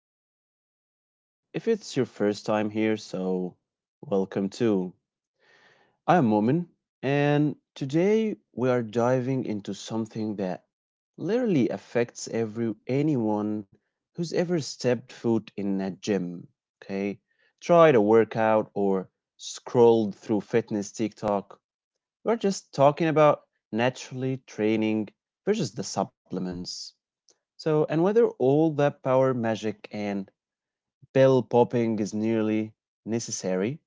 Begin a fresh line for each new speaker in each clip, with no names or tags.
show. And if it's your first time here, welcome too. I am Momin, and today we are diving into something that literally affects every anyone who's ever stepped foot in a gym. Okay, tried a workout or scrolled through fitness TikTok. We're just talking about naturally training versus the supplements. So, and whether all that power magic and bell popping is nearly necessary,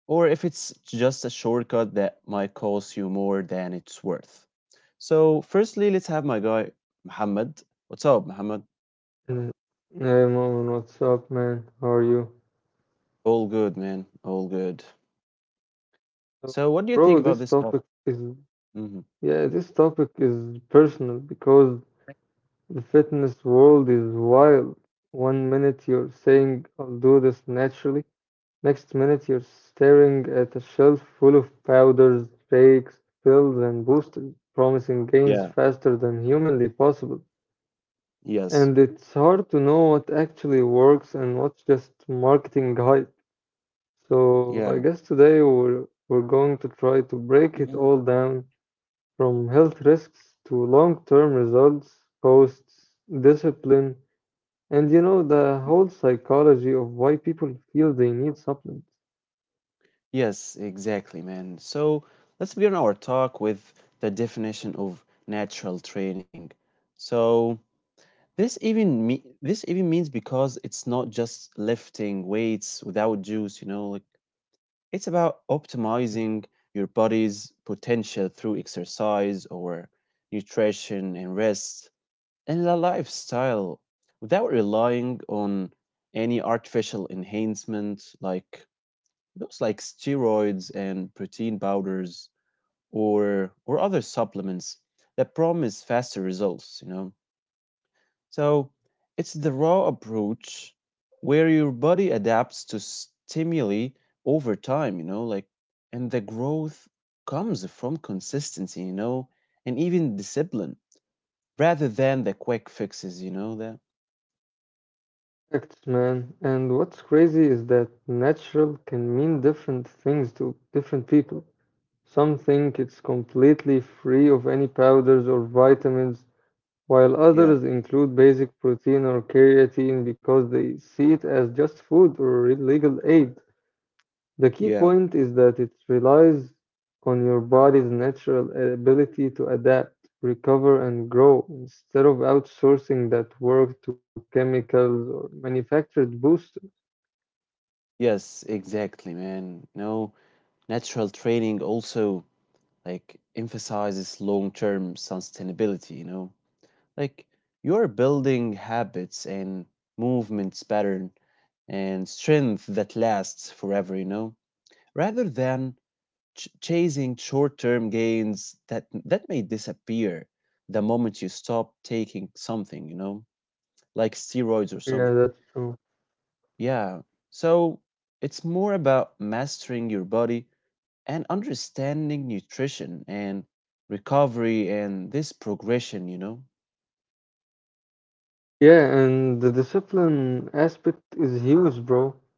or if it's just a shortcut that might cost you more than it's worth. So, firstly, let's have my guy, Muhammad. What's up, Muhammad?
Mm. Hey Momin, what's up, man? How are you?
All good, man. All good.
So,
So, what do you think
bro,
about this topic? hmm
this topic is personal because the fitness world is wild. One minute you're saying I'll do this naturally, next minute you're staring at a shelf full of powders, shakes, pills, and boosters, promising gains
Yeah.
faster than humanly possible.
Yes.
And it's hard to know what actually works and what's just marketing hype. So I
Yeah.
guess today we're going to try to break it
Mhm.
all down from health risks to long-term results, costs, discipline, and you know the whole psychology of why people feel they need supplements.
Yes, exactly, man. So, let's begin our talk with the definition of natural training. So, This even means because it's not just lifting weights without juice, like it's about optimizing your body's potential through exercise or nutrition and rest and a lifestyle without relying on any artificial enhancement like those like steroids and protein powders or other supplements that promise faster results, So it's the raw approach where your body adapts to stimuli over time, and the growth comes from consistency, and even discipline rather than the quick fixes, you know, that.
Facts, man. And what's crazy is that natural can mean different things to different people. Some think it's completely free of any powders or vitamins, while
Yeah,
others include basic protein or creatine because they see it as just food or legal aid. The key
yeah.
point is that it relies on your body's natural ability to adapt, recover, and grow instead of outsourcing that work to chemicals or manufactured boosters.
Yes, exactly, man. No, natural training also like emphasizes long-term sustainability, Like you're building habits and movements pattern and strength that lasts forever, rather than chasing short-term gains that may disappear the moment you stop taking something, like steroids or
Yeah,
something.
that's true.
Yeah. So it's more about mastering your body and understanding nutrition and recovery and this progression,
Yeah, and the discipline aspect is huge, bro.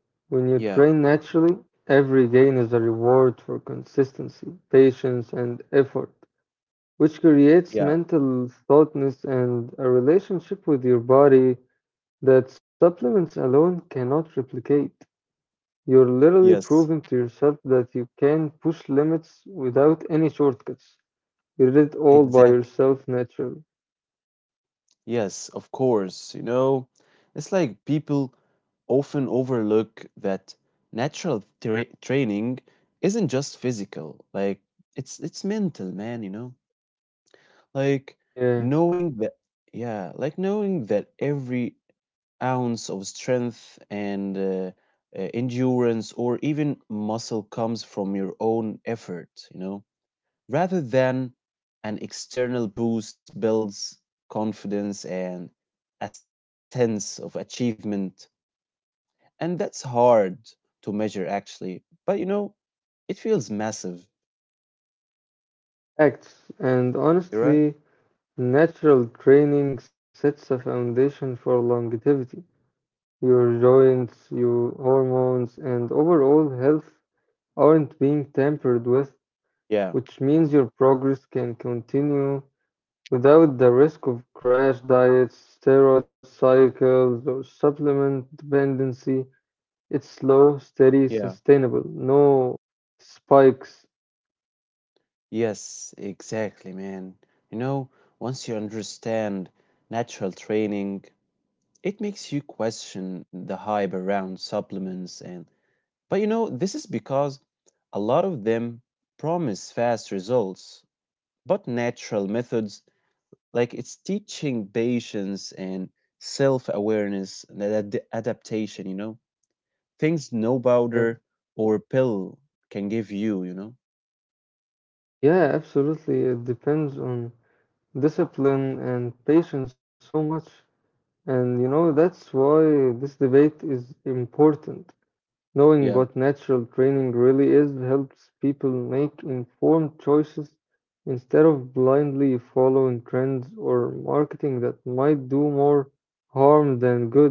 When you
Yeah,
train naturally, every gain is a reward for consistency, patience, and effort, which creates
yeah,
mental thoughtness and a relationship with your body that supplements alone cannot replicate. You're literally
yes,
proving to yourself that you can push limits without any shortcuts. You did it all by
exact.
yourself naturally.
Yes, of course. It's like people often overlook that natural training isn't just physical. Like it's mental, man, Like
Yeah,
knowing that knowing that every ounce of strength and endurance or even muscle comes from your own effort, rather than an external boost builds confidence and a sense of achievement. And that's hard to measure actually, but it feels massive.
acts. And
You're right.
honestly, natural training sets a foundation for longevity. Your joints, your hormones, and overall health aren't being tampered with,
Yeah.
which means your progress can continue without the risk of crash diets, steroid cycles, or supplement dependency. It's slow, steady,
Yeah.
sustainable. No spikes.
Yes, exactly, man. You know, once you understand natural training, it makes you question the hype around supplements. And but you know this is because a lot of them promise fast results, but natural methods, like it's teaching patience and self-awareness and adaptation, things no
Yeah,
powder or pill can give you you know
yeah, absolutely. It depends on discipline and patience so much. And you know, that's why this debate is important. Knowing
Yeah,
what natural training really is helps people make informed choices instead of blindly following trends or marketing that might do more harm than good.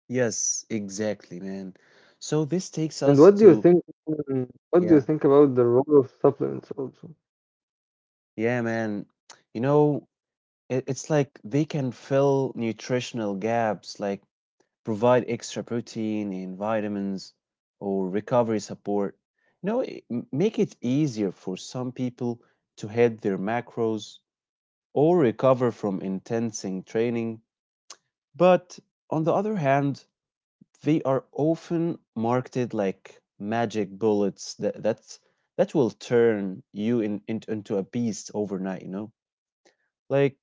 yes, exactly, man. So this takes
And what
us
do you
to—
think, what do you
yeah,
think about the role of supplements also?
yeah, man, you know it's like they can fill nutritional gaps, like provide extra protein and vitamins or recovery support. Make it easier for some people to hit their macros or recover from intensing training. But on the other hand, they are often marketed like magic bullets that will turn you into a beast overnight, like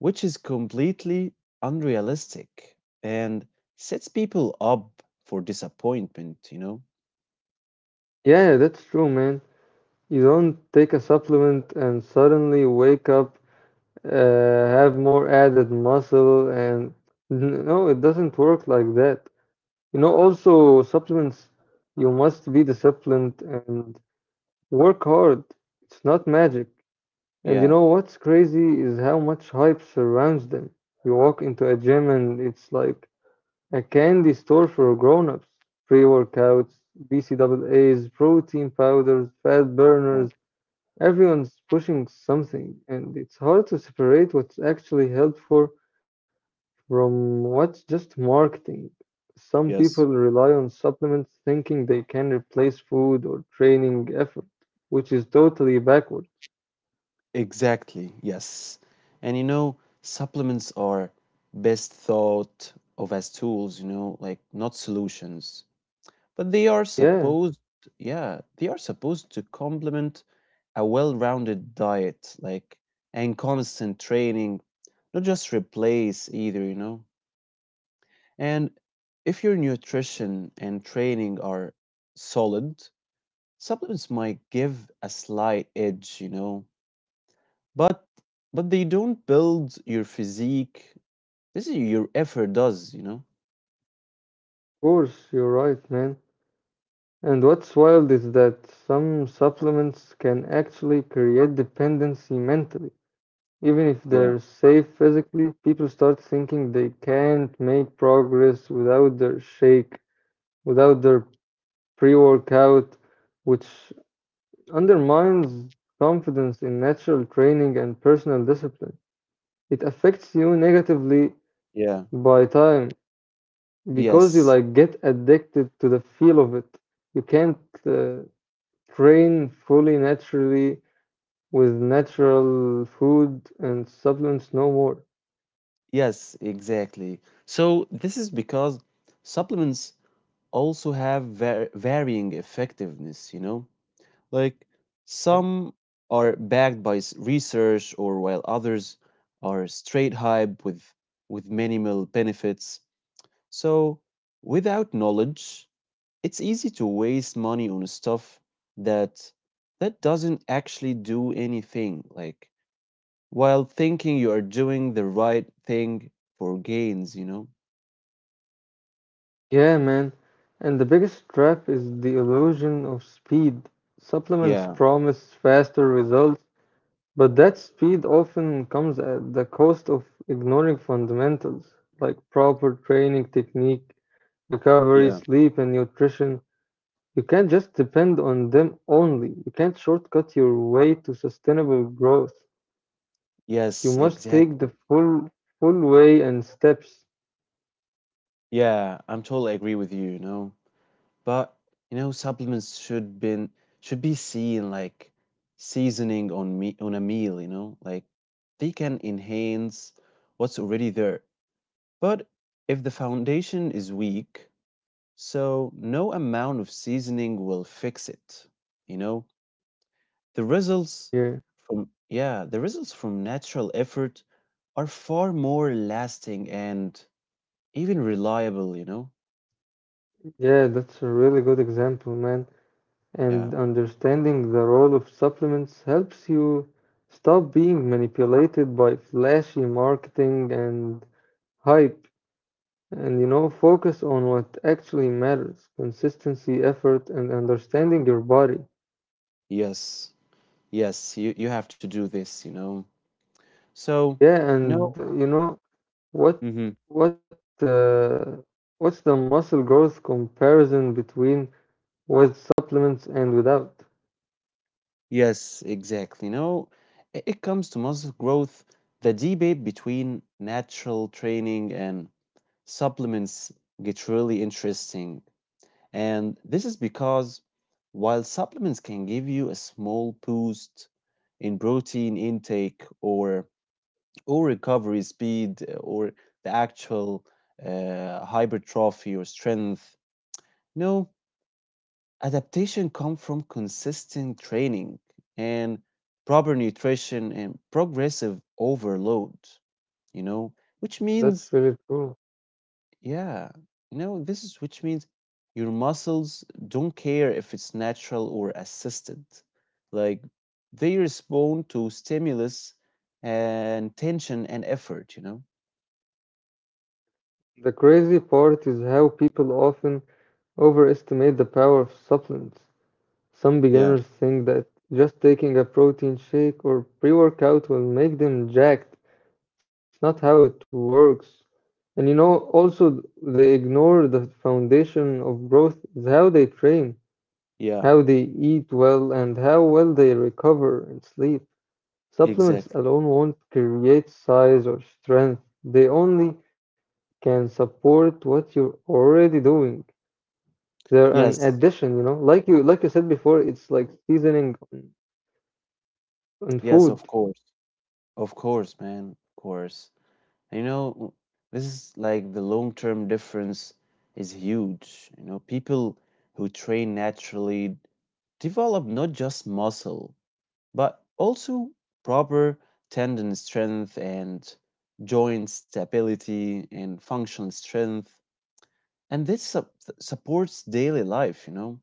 which is completely unrealistic and sets people up for disappointment,
Yeah, that's true, man. You don't take a supplement and suddenly wake up have more added muscle and no, it doesn't work like that. You know, also supplements, you must be disciplined and work hard. It's not magic. And you
yeah,
know what's crazy is how much hype surrounds them. You walk into a gym and it's like a candy store for grown-ups: pre-workouts, bcaa's, protein powders, fat
yeah,
burners. Everyone's pushing something and it's hard to separate what's actually helpful from what's just marketing. Some people
yes,
rely on supplements thinking they can replace food or training effort, which is totally backward.
exactly. Yes, and supplements are best thought of as tools, like not solutions, but they are
Yeah, of
supposed to complement a well-rounded diet, like, and constant training, not just replace either, And if your nutrition and training are solid, supplements might give a slight edge, But but they don't build your physique. This is your effort does,
course, you're right, man. And what's wild is that some supplements can actually create dependency mentally. Even if
Yeah.
they're safe physically, people start thinking they can't make progress without their shake, without their pre workout, which undermines confidence in natural training and personal discipline. It affects you negatively
Yeah.
by time because you
Yes.
like get addicted to the feel of it. You can't uh, train fully naturally with natural food and supplements no more.
Yes, exactly. So this is because supplements also have varying effectiveness, Like some are backed by research, or while others are straight hype with minimal benefits. So without knowledge, it's easy to waste money on stuff that that doesn't actually do anything. Like, while thinking you are doing the right thing for gains,
Yeah, man. And the biggest trap is the illusion of speed. Supplements
Yeah,
promise faster results, but that speed often comes at the cost of ignoring fundamentals like proper training technique, recovery,
yeah.
sleep, and nutrition. You can't just depend on them only. You can't shortcut your way to sustainable growth. You
Yes,
must take the
exactly.
full way and steps
Yeah, I'm totally agree with you, you know. But, supplements should be seen like seasoning on a meal, Like they can enhance what's already there. But if the foundation is weak, so no amount of seasoning will fix it. You know, the results
here.
the results from natural effort are far more lasting and even reliable,
Yeah, that's a really good example, man.
Yeah.
And understanding the role of supplements helps you stop being manipulated by flashy marketing and hype, and you know, focus on what actually matters: consistency, effort, and understanding your body.
Yes. Yes, you have to do this, So,
Yeah,
you know,
and you know, what
mhm,
what uh, what's the muscle growth comparison between with supplements and without?
yes, exactly. It comes to muscle growth, the debate between natural training and supplements gets really interesting. And this is because while supplements can give you a small boost in protein intake or recovery speed or the actual hypertrophy or strength, no adaptation comes from consistent training and proper nutrition and progressive overload, you know, which
That's
means,
really true.
yeah, you know, this is which means your muscles don't care if it's natural or assisted. Like they respond to stimulus and tension and effort,
The crazy part is how people often overestimate the power of supplements. Some
Yeah,
beginners think that just taking a protein shake or pre workout will make them jacked. It's not how it works. And you know, also, they ignore the foundation of growth is how they train, how
yeah,
they eat well, and how well they recover and sleep. Supplements
exactly.
alone won't create size or strength, they only can support what you're already doing. They're an
Yes,
addition, you know. Like you said before, it's like seasoning on
yes, of
food.
course. Of course, man, of course. You know, this is like the long-term difference is huge. People who train naturally develop not just muscle, but also proper tendon strength and joint stability and functional strength. And this supports daily life,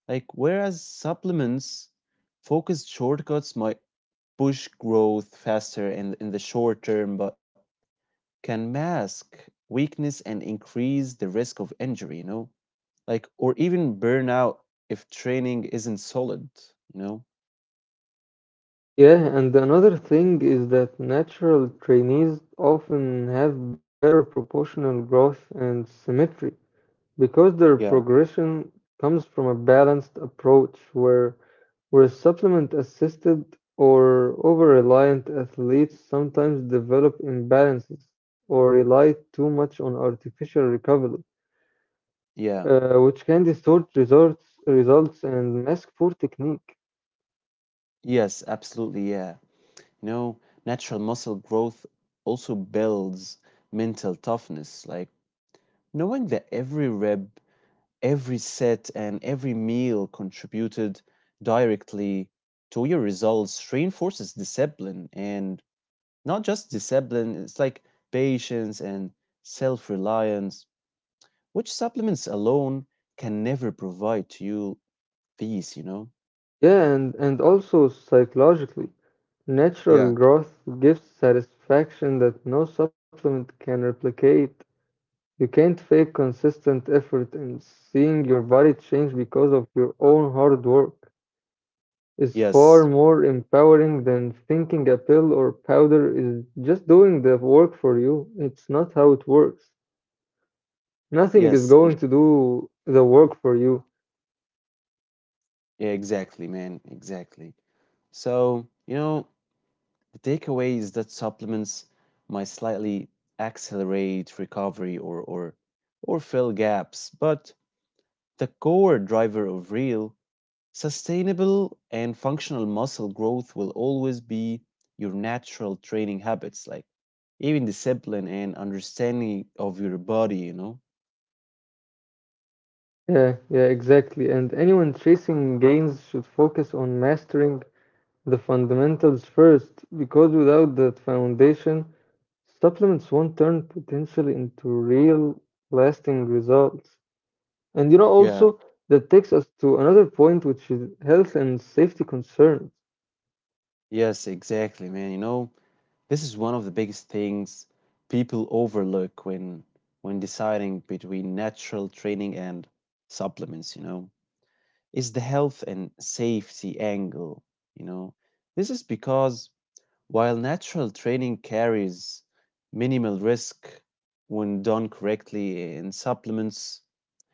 Like, whereas supplements, focused shortcuts might push growth faster in the short term, but can mask weakness and increase the risk of injury, like, or even burnout if training isn't solid, you know?
Yeah, and another thing is that natural trainees often have better proportional growth and symmetry because their
Yeah.
progression comes from a balanced approach, where supplement assisted or over reliant athletes sometimes develop imbalances or rely too much on artificial recovery.
Yeah.
Which can distort results and mask poor technique.
Yes, absolutely. Yeah. You know, natural muscle growth also builds mental toughness, like knowing that every rep, every set, and every meal contributed directly to your results reinforces discipline and— not just discipline, it's like patience and self reliance, which supplements alone can never provide to you these,
Yeah, and also psychologically, natural
Yeah.
growth gives satisfaction that no supplement can replicate. You can't fake consistent effort, and seeing your body change because of your own hard work is far
Yes,
more empowering than thinking a pill or powder is just doing the work for you. It's not how it works. Nothing is
yes,
going to do the work for you.
exactly, man, exactly. So, the takeaway is that supplements might slightly accelerate recovery or fill gaps, but the core driver of real sustainable and functional muscle growth will always be your natural training habits, like even discipline and understanding of your body,
Yeah, yeah, exactly. And anyone chasing gains should focus on mastering the fundamentals first, because without that foundation, supplements won't turn potential into real lasting results. And you know,
Yeah,
also, that takes us to another point, which is health and safety concerns.
yes, exactly, man. This is one of the biggest things people overlook when deciding between natural training and supplements, is the health and safety angle, you know. This is because while natural training carries minimal risk when done correctly in supplements,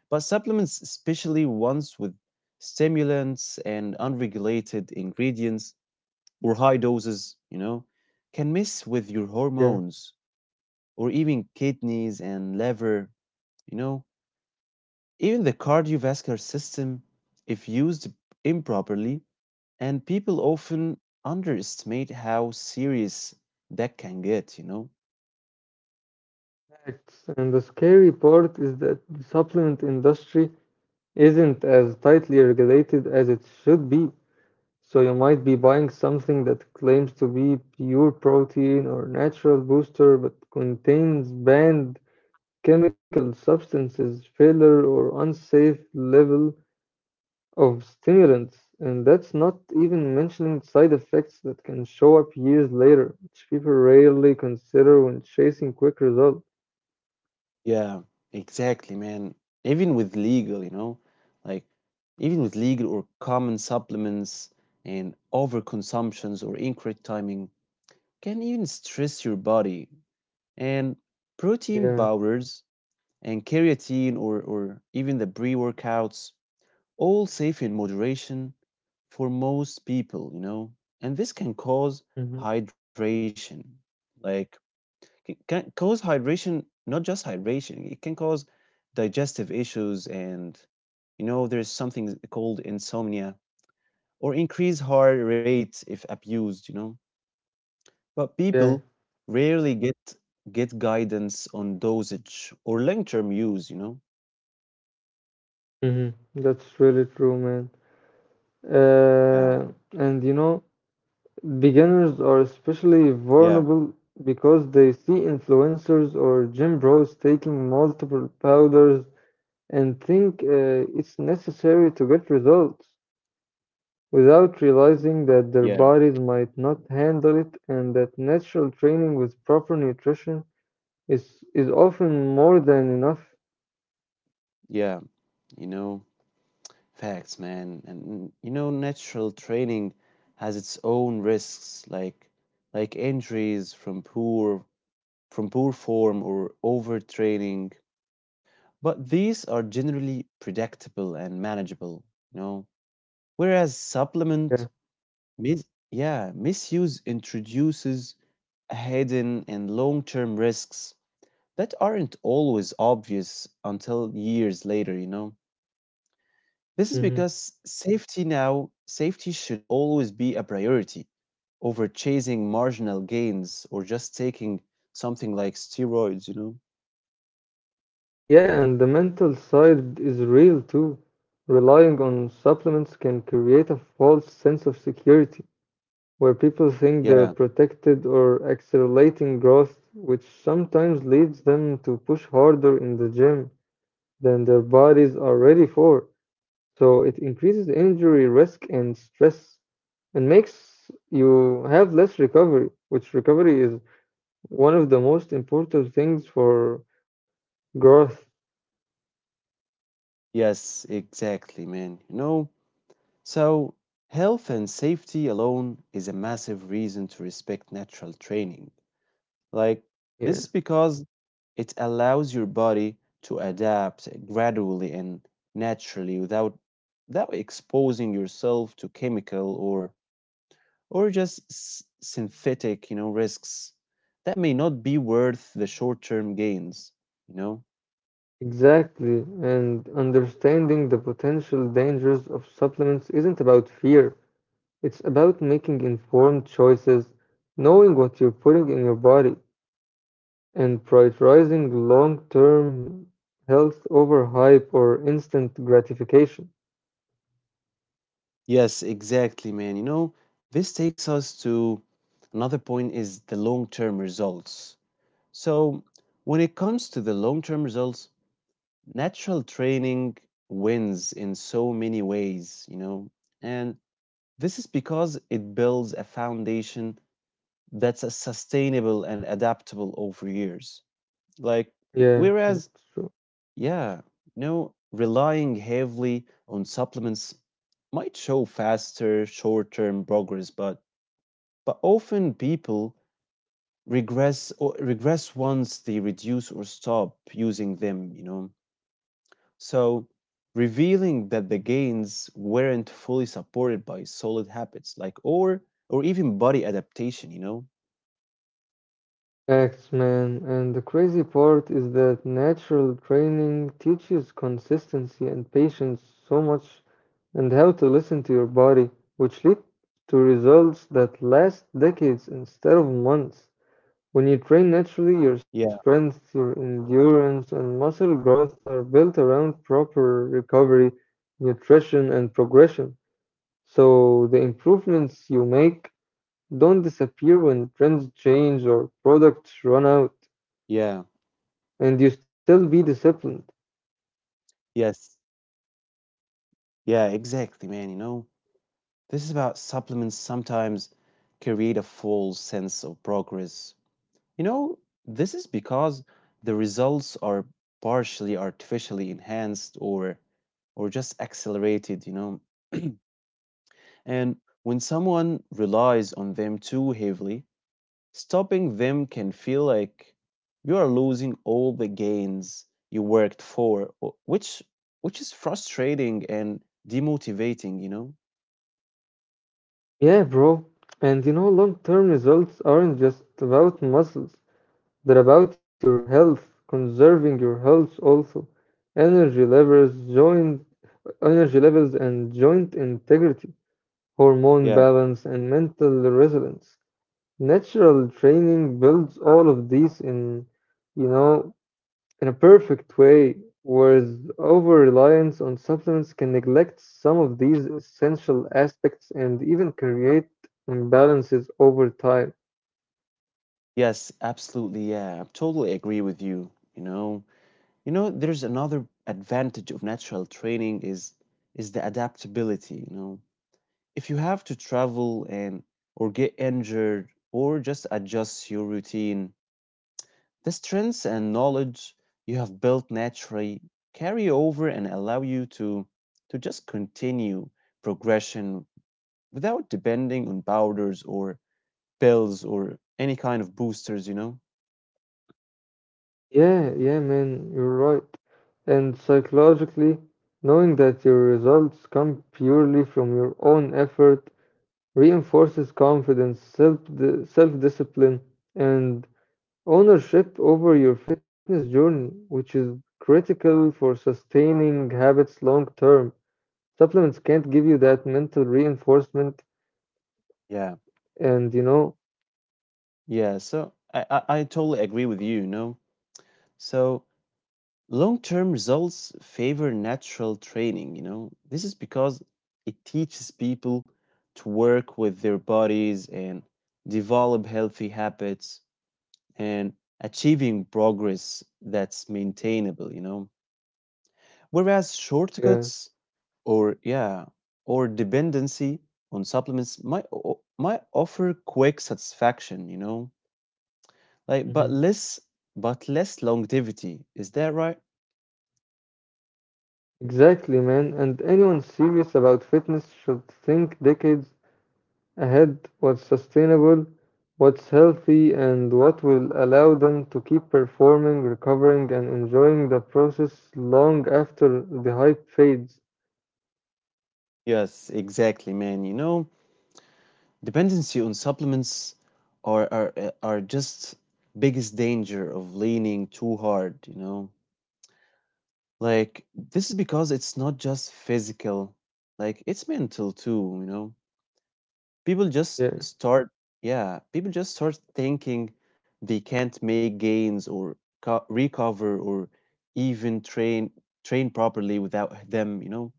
but supplements, especially ones with stimulants and unregulated ingredients or high doses, can mess with your
Yeah,
hormones or even kidneys and liver, you know, even the cardiovascular system if used improperly. And people often underestimate how serious that can get,
facts. And the scary part is that the supplement industry isn't as tightly regulated as it should be. So you might be buying something that claims to be pure protein or natural booster but contains banned chemical substances, filler or unsafe level of stimulants. And that's not even mentioning side effects that can show up years later, which people rarely consider when chasing quick results.
Yeah, exactly, man. Even with legal, you know, like Even with legal or common supplements and overconsumptions or incorrect timing can even stress your body. And protein
Yeah.
powders and creatine, or even the pre workouts, all safe in moderation for most people, and this
Hmm.
hydration, like can cause hydration— not just hydration, it can cause digestive issues and there's something called insomnia or increased heart rate if abused, But
Yeah.
people rarely get guidance on dosage or long-term use,
Hmm. That's really true, man.
Yeah.
Uh, and you know, beginners are especially
Yeah.
vulnerable because they see influencers or gym bros taking multiple powders and think it's necessary to get results without realizing that their
Yeah.
bodies might not handle it, and that natural training with proper nutrition is often more than enough.
Yeah. You know, facts, man. And natural training has its own risks, like injuries from poor form or overtraining, but these are generally predictable and manageable, you know. Whereas
Yeah.
misuse introduces hidden and long-term risks that aren't always obvious until years later, This is
Hmm.
because safety should always be a priority over chasing marginal gains or just taking something like steroids,
Yeah, and the mental side is real too. Relying on supplements can create a false sense of security where people think they're
Yeah.
protected or accelerating growth, which sometimes leads them to push harder in the gym than their bodies are ready for. So it increases injury risk and stress and makes you have less recovery, which recovery is one of the most important things for growth.
Yes, exactly, man. So health and safety alone is a massive reason to respect natural training. Like,
Yeah,
this is because it allows your body to adapt gradually and naturally without exposing yourself to chemical or just synthetic, risks that may not be worth the short-term gains, you know?
exactly. And understanding the potential dangers of supplements isn't about fear. It's about making informed choices, knowing what you're putting in your body, and prioritizing long term health over hype or instant gratification.
Yes, exactly, man. This takes us to another point, is the long-term results. So, when it comes to the long-term results, natural training wins in so many ways, And this is because it builds a foundation that's a sustainable and adaptable over years. Like
Yeah,
whereas
that's true.
yeah, no, relying heavily on supplements might show faster short-term progress, but often people regress once they reduce or stop using them, So revealing that the gains weren't fully supported by solid habits, like, or even body adaptation,
Facts, man. And the crazy part is that natural training teaches consistency and patience so much, and how to listen to your body, which lead to results that last decades instead of months. When you train naturally, your
Yeah,
strength, your endurance, and muscle growth are built around proper recovery, nutrition, and progression. So the improvements you make don't disappear when trends change or products run out,
yeah,
and you still be disciplined.
yes. Yeah, exactly, man, This is about supplements sometimes create a false sense of progress. You know, this is because the results are partially artificially enhanced or just accelerated, And when someone relies on them too heavily, stopping them can feel like you are losing all the gains you worked for, which is frustrating and demotivating,
Yeah, bro. And you know, long term results aren't just about muscles, they're about your health, conserving your health also, joint energy levels and joint integrity, hormone
Yeah.
balance, and mental resilience. Natural training builds all of these in, you know, in a perfect way, whereas over reliance on supplements can neglect some of these essential aspects and even create imbalances over time.
Yes, absolutely. Yeah, I totally agree with you. There's another advantage of natural training is the adaptability. You know. If you have to travel and or get injured or just adjust your routine, the strengths and knowledge you have built naturally carry over and allow you to just continue progression without depending on powders or pills or any kind of boosters. You know.
Yeah, yeah, man, you're right. And psychologically, knowing that your results come purely from your own effort reinforces confidence, self discipline, and ownership over your fitness journey, which is critical for sustaining habits long term. Supplements can't give you that mental reinforcement,
Yeah.
and you know,
Yeah. So I totally agree with you. You know. So long-term results favor natural training. You know. This is because it teaches people to work with their bodies and develop healthy habits and achieving progress that's maintainable. You know. Whereas
yeah,
shortcuts or yeah, or dependency on supplements might might offer quick satisfaction, you know like,
mhm,
but less longevity. Is that right?
exactly, man. And anyone serious about fitness should think decades ahead what's sustainable, what's healthy, and what will allow them to keep performing, recovering, and enjoying the process long after the hype fades.
Yes, exactly, man. You know, dependency on supplements are are just biggest danger of leaning too hard. You know. Like, this is because it's not just physical, like, it's mental too. You know? People just
Yeah.
start, yeah, people just start thinking they can't make gains or recover or even train properly without them. You know?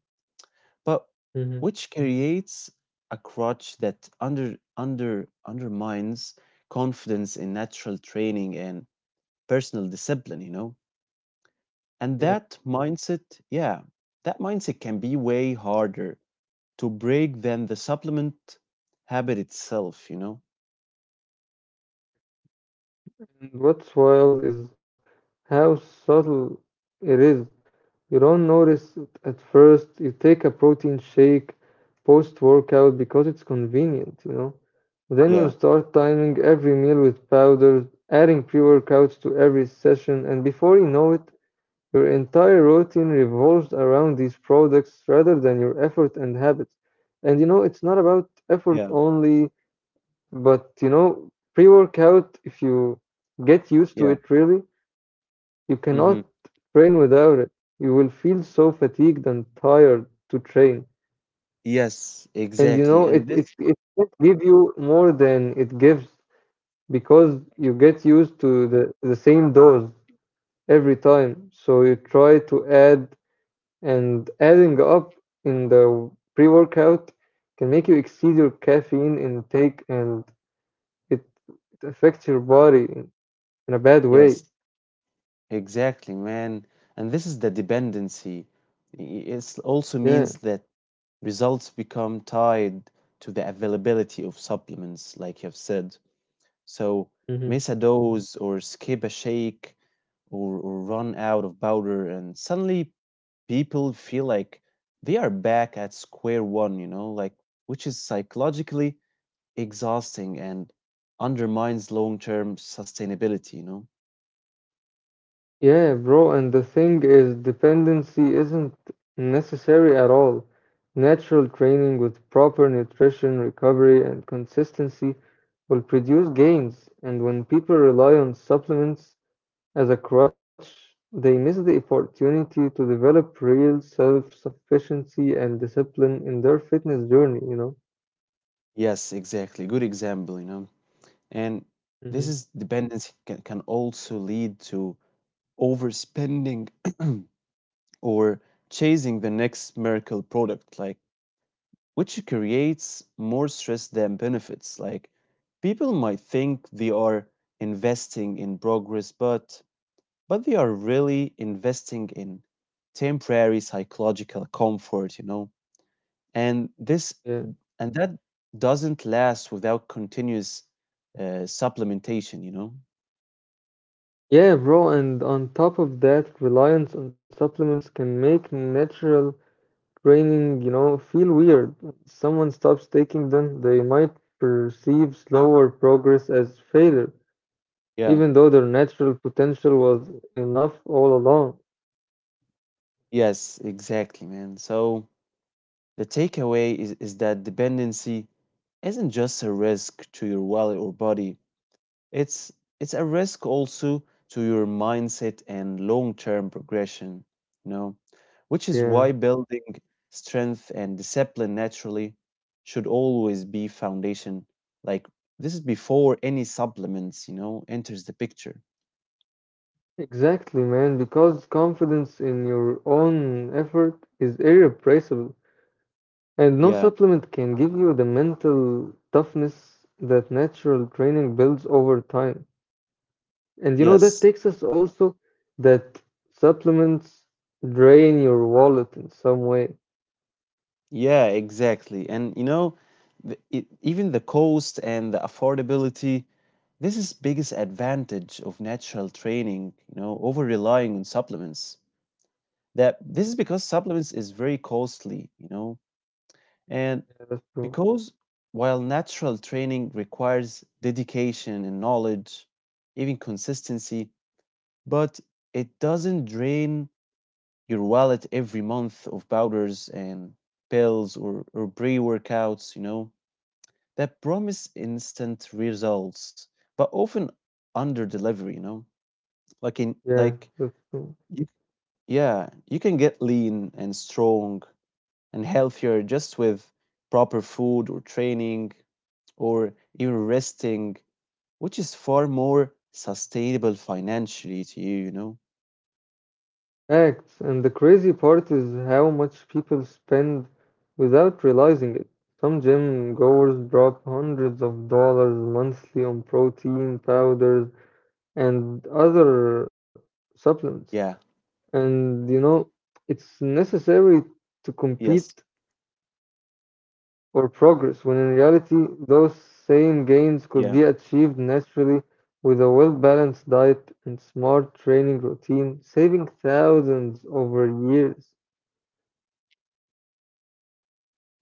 But
Hmm.
which creates a crutch that undermines confidence in natural training and personal discipline. You know? And
Yeah.
that mindset yeah That mindset can be way harder to break than the supplement habit itself. You know
And what's wild is how subtle it is. You don't notice it at first. You take a protein shake post workout because it's convenient, you know. Then you
yeah
start timing every meal with powders, adding pre-workouts to every session, and before you know it, your entire routine revolves around these products rather than your effort and habits. And you know, it's not about effort
yeah
only, but you know, pre-workout, if you get used to
yeah.
it really, you cannot
Hmm.
train without it. You will feel so fatigued and tired to train.
Yes,
And you
exactly.
know,
and this
it can't give you more than it gives because you get used to the same dose every time. So you try to add, and adding up in the pre workout can make you exceed your caffeine intake and it, it affects your body in a bad way.
Yes, exactly, man. And this is the dependency. It also
Yeah.
means that results become tied to the availability of supplements, like you've said. So miss a dose or skip a shake or run out of powder, and suddenly people feel like they are back at square one, you know, like, which is psychologically exhausting and undermines long term sustainability. You know.
Yeah, bro, and the thing is, dependency isn't necessary at all. Natural training with proper nutrition, recovery, and consistency will produce gains. And when people rely on supplements as a crutch, they miss the opportunity to develop real self-sufficiency and discipline in their fitness journey, you know?
Yes, exactly. Good example. You know. And this is
Hmm.
dependency can also lead to overspending or chasing the next miracle product, like, which creates more stress than benefits. Like, people might think they are investing in progress, but they are really investing in temporary psychological comfort. You know. And this
Yeah.
and that doesn't last without continuous supplementation. You know.
Yeah, bro, and on top of that, reliance on supplements can make natural training, you know, feel weird. When someone stops taking them, they might perceive slower progress as failure,
Yeah.
even though their natural potential was enough all along.
Yes, exactly, man. So the takeaway is that dependency isn't just a risk to your wallet or body. It's it's a risk also to your mindset and long-term progression, you know, which is
Yeah,
why building strength and discipline naturally should always be foundation. Like, this is before any supplements you know, enters the picture.
exactly, man, because confidence in your own effort is irreplaceable, and no
Yeah.
supplement can give you the mental toughness that natural training builds over time. And you
Yes.
know, that takes us also that supplements drain your wallet in some way.
Yeah, exactly. And you know, even the cost and the affordability, this is biggest advantage of natural training you know, over relying on supplements. That this is because supplements is very costly, you know, and
Yeah, that's true.
because while natural training requires dedication and knowledge, even consistency, but it doesn't drain your wallet every month of powders and pills or pre workouts, you know, that promise instant results, but often under delivery, you know, like in, like,
Yeah, that's true.
you, yeah, you can get lean and strong and healthier just with proper food or training or even resting, which is far more sustainable financially to you. You know?
Facts. And the crazy part is how much people spend without realizing it. Some gym goers drop hundreds of dollars monthly on protein powders and other
Yeah,
supplements. And you know, it's necessary to
yes,
compete or progress, when in reality, those same gains
yeah,
could be achieved naturally with a well balanced diet and smart training routine, saving thousands over years.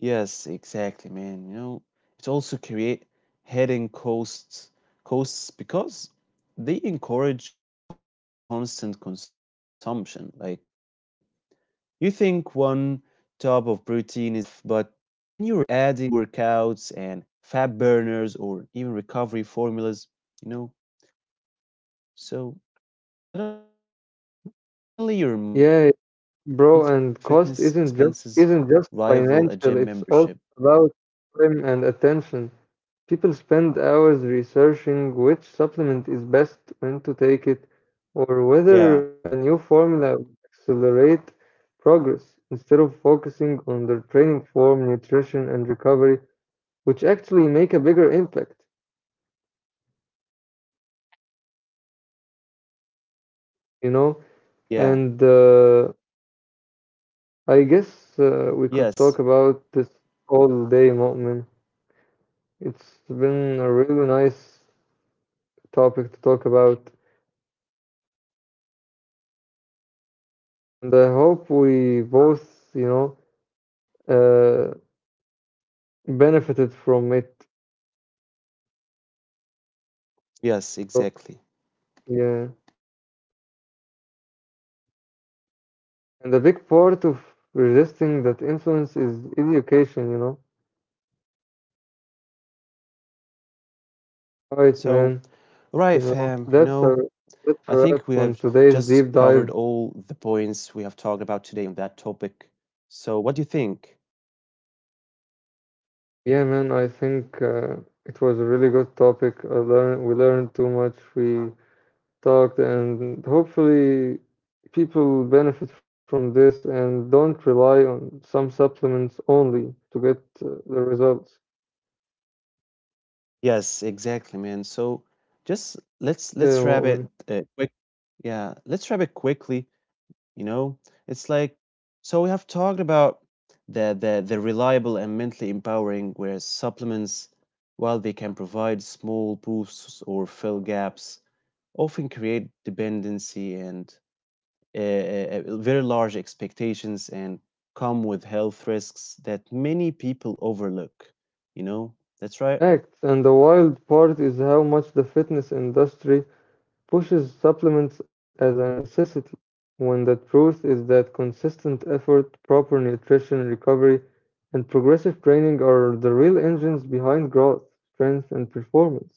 yes, exactly, man. You know, it also create hidden costs because they encourage constant consumption. Like, you think one tub of protein is enough, but then you are adding pre workouts and fat burners or even recovery formulas. You know. So suddenly your monthly fitness expenses
Yeah,
rival a gym
bro,
membership.
and cost isn't just financial, it's also about time and attention. People spend hours researching which supplement is best, when to take it, or whether a new
Yeah,
formula will accelerate progress instead of focusing on their training form, nutrition, and recovery, which actually make a bigger impact, you
yeah,
know? And I guess we could
yes,
talk about this all day, Mu'min. It's been a really nice topic to talk about, and I hope we both, you know,
yeah,
uh, benefited from it.
yes, exactly.
So, yeah, and a big part of resisting that influence is education, you know.
Yeah. So, all right, fam,
All
you
right,
know,
man.
I
You
think
know,
we have just
that's
covered
a wrap
all
on
the
today's
points
deep
we have
dive.
talked about today on that topic. So, what do you think?
Yeah, man. I think it was a really good topic. I learned, we learned too much. We talked, and hopefully, people benefit from this and don't rely on some supplements only to get the results.
Yes, exactly, man. So just let's
Okay,
wrap it
Mo'min.
quick. Yeah, let's wrap it quickly. You know, it's like, so we have talked about the reliable and mentally empowering, where supplements, while they can provide small boosts or fill gaps, often create dependency and very large expectations and come with health risks that many people overlook. You know, that's right.
Correct, and the wild part is how much the fitness industry pushes supplements as a necessity, when the truth is that consistent effort, proper nutrition, recovery, and progressive training are the real engines behind growth, strength, and performance.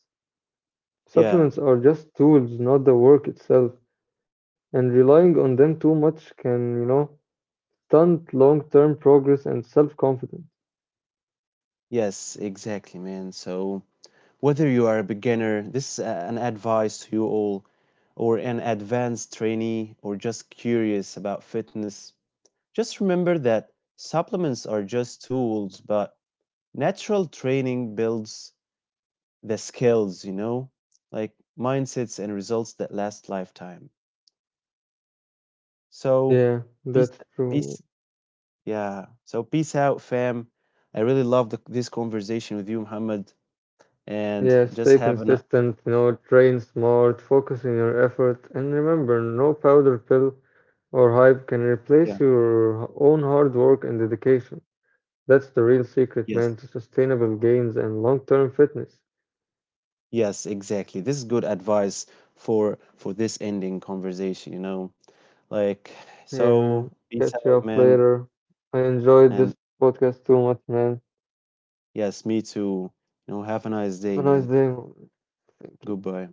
Yeah.
Supplements are just tools, not the work itself, and relying on them too much can, you know, stunt long-term progress and self-confidence.
Yes, exactly, man. So, whether you are a beginner, this is an advice to you all, or an advanced trainee, or just curious about fitness, just remember that supplements are just tools, but natural training builds the skills, you know, like mindsets and results that last lifetime.
Yeah,
So,
that's
peace,
true.
peace, yeah. So, peace out, fam. I really love this conversation with you, Muhammad,
Yeah,
and
stay
just have an,
consistent, you know, train smart, focus on your effort, and remember, no powder pill or hype can
yeah.
replace your own hard work and dedication. That's the real secret, man, to
Yes,
sustainable gains and long-term fitness.
yes, exactly. This is good advice for this ending conversation. You know. Like,
Hey, man,
so peace
catch you
out,
up
man.
later. I enjoyed
And
this podcast too much, man.
yes, me too. You know, have a nice day,
Have a
man.
nice day, man. Thank you.
Goodbye.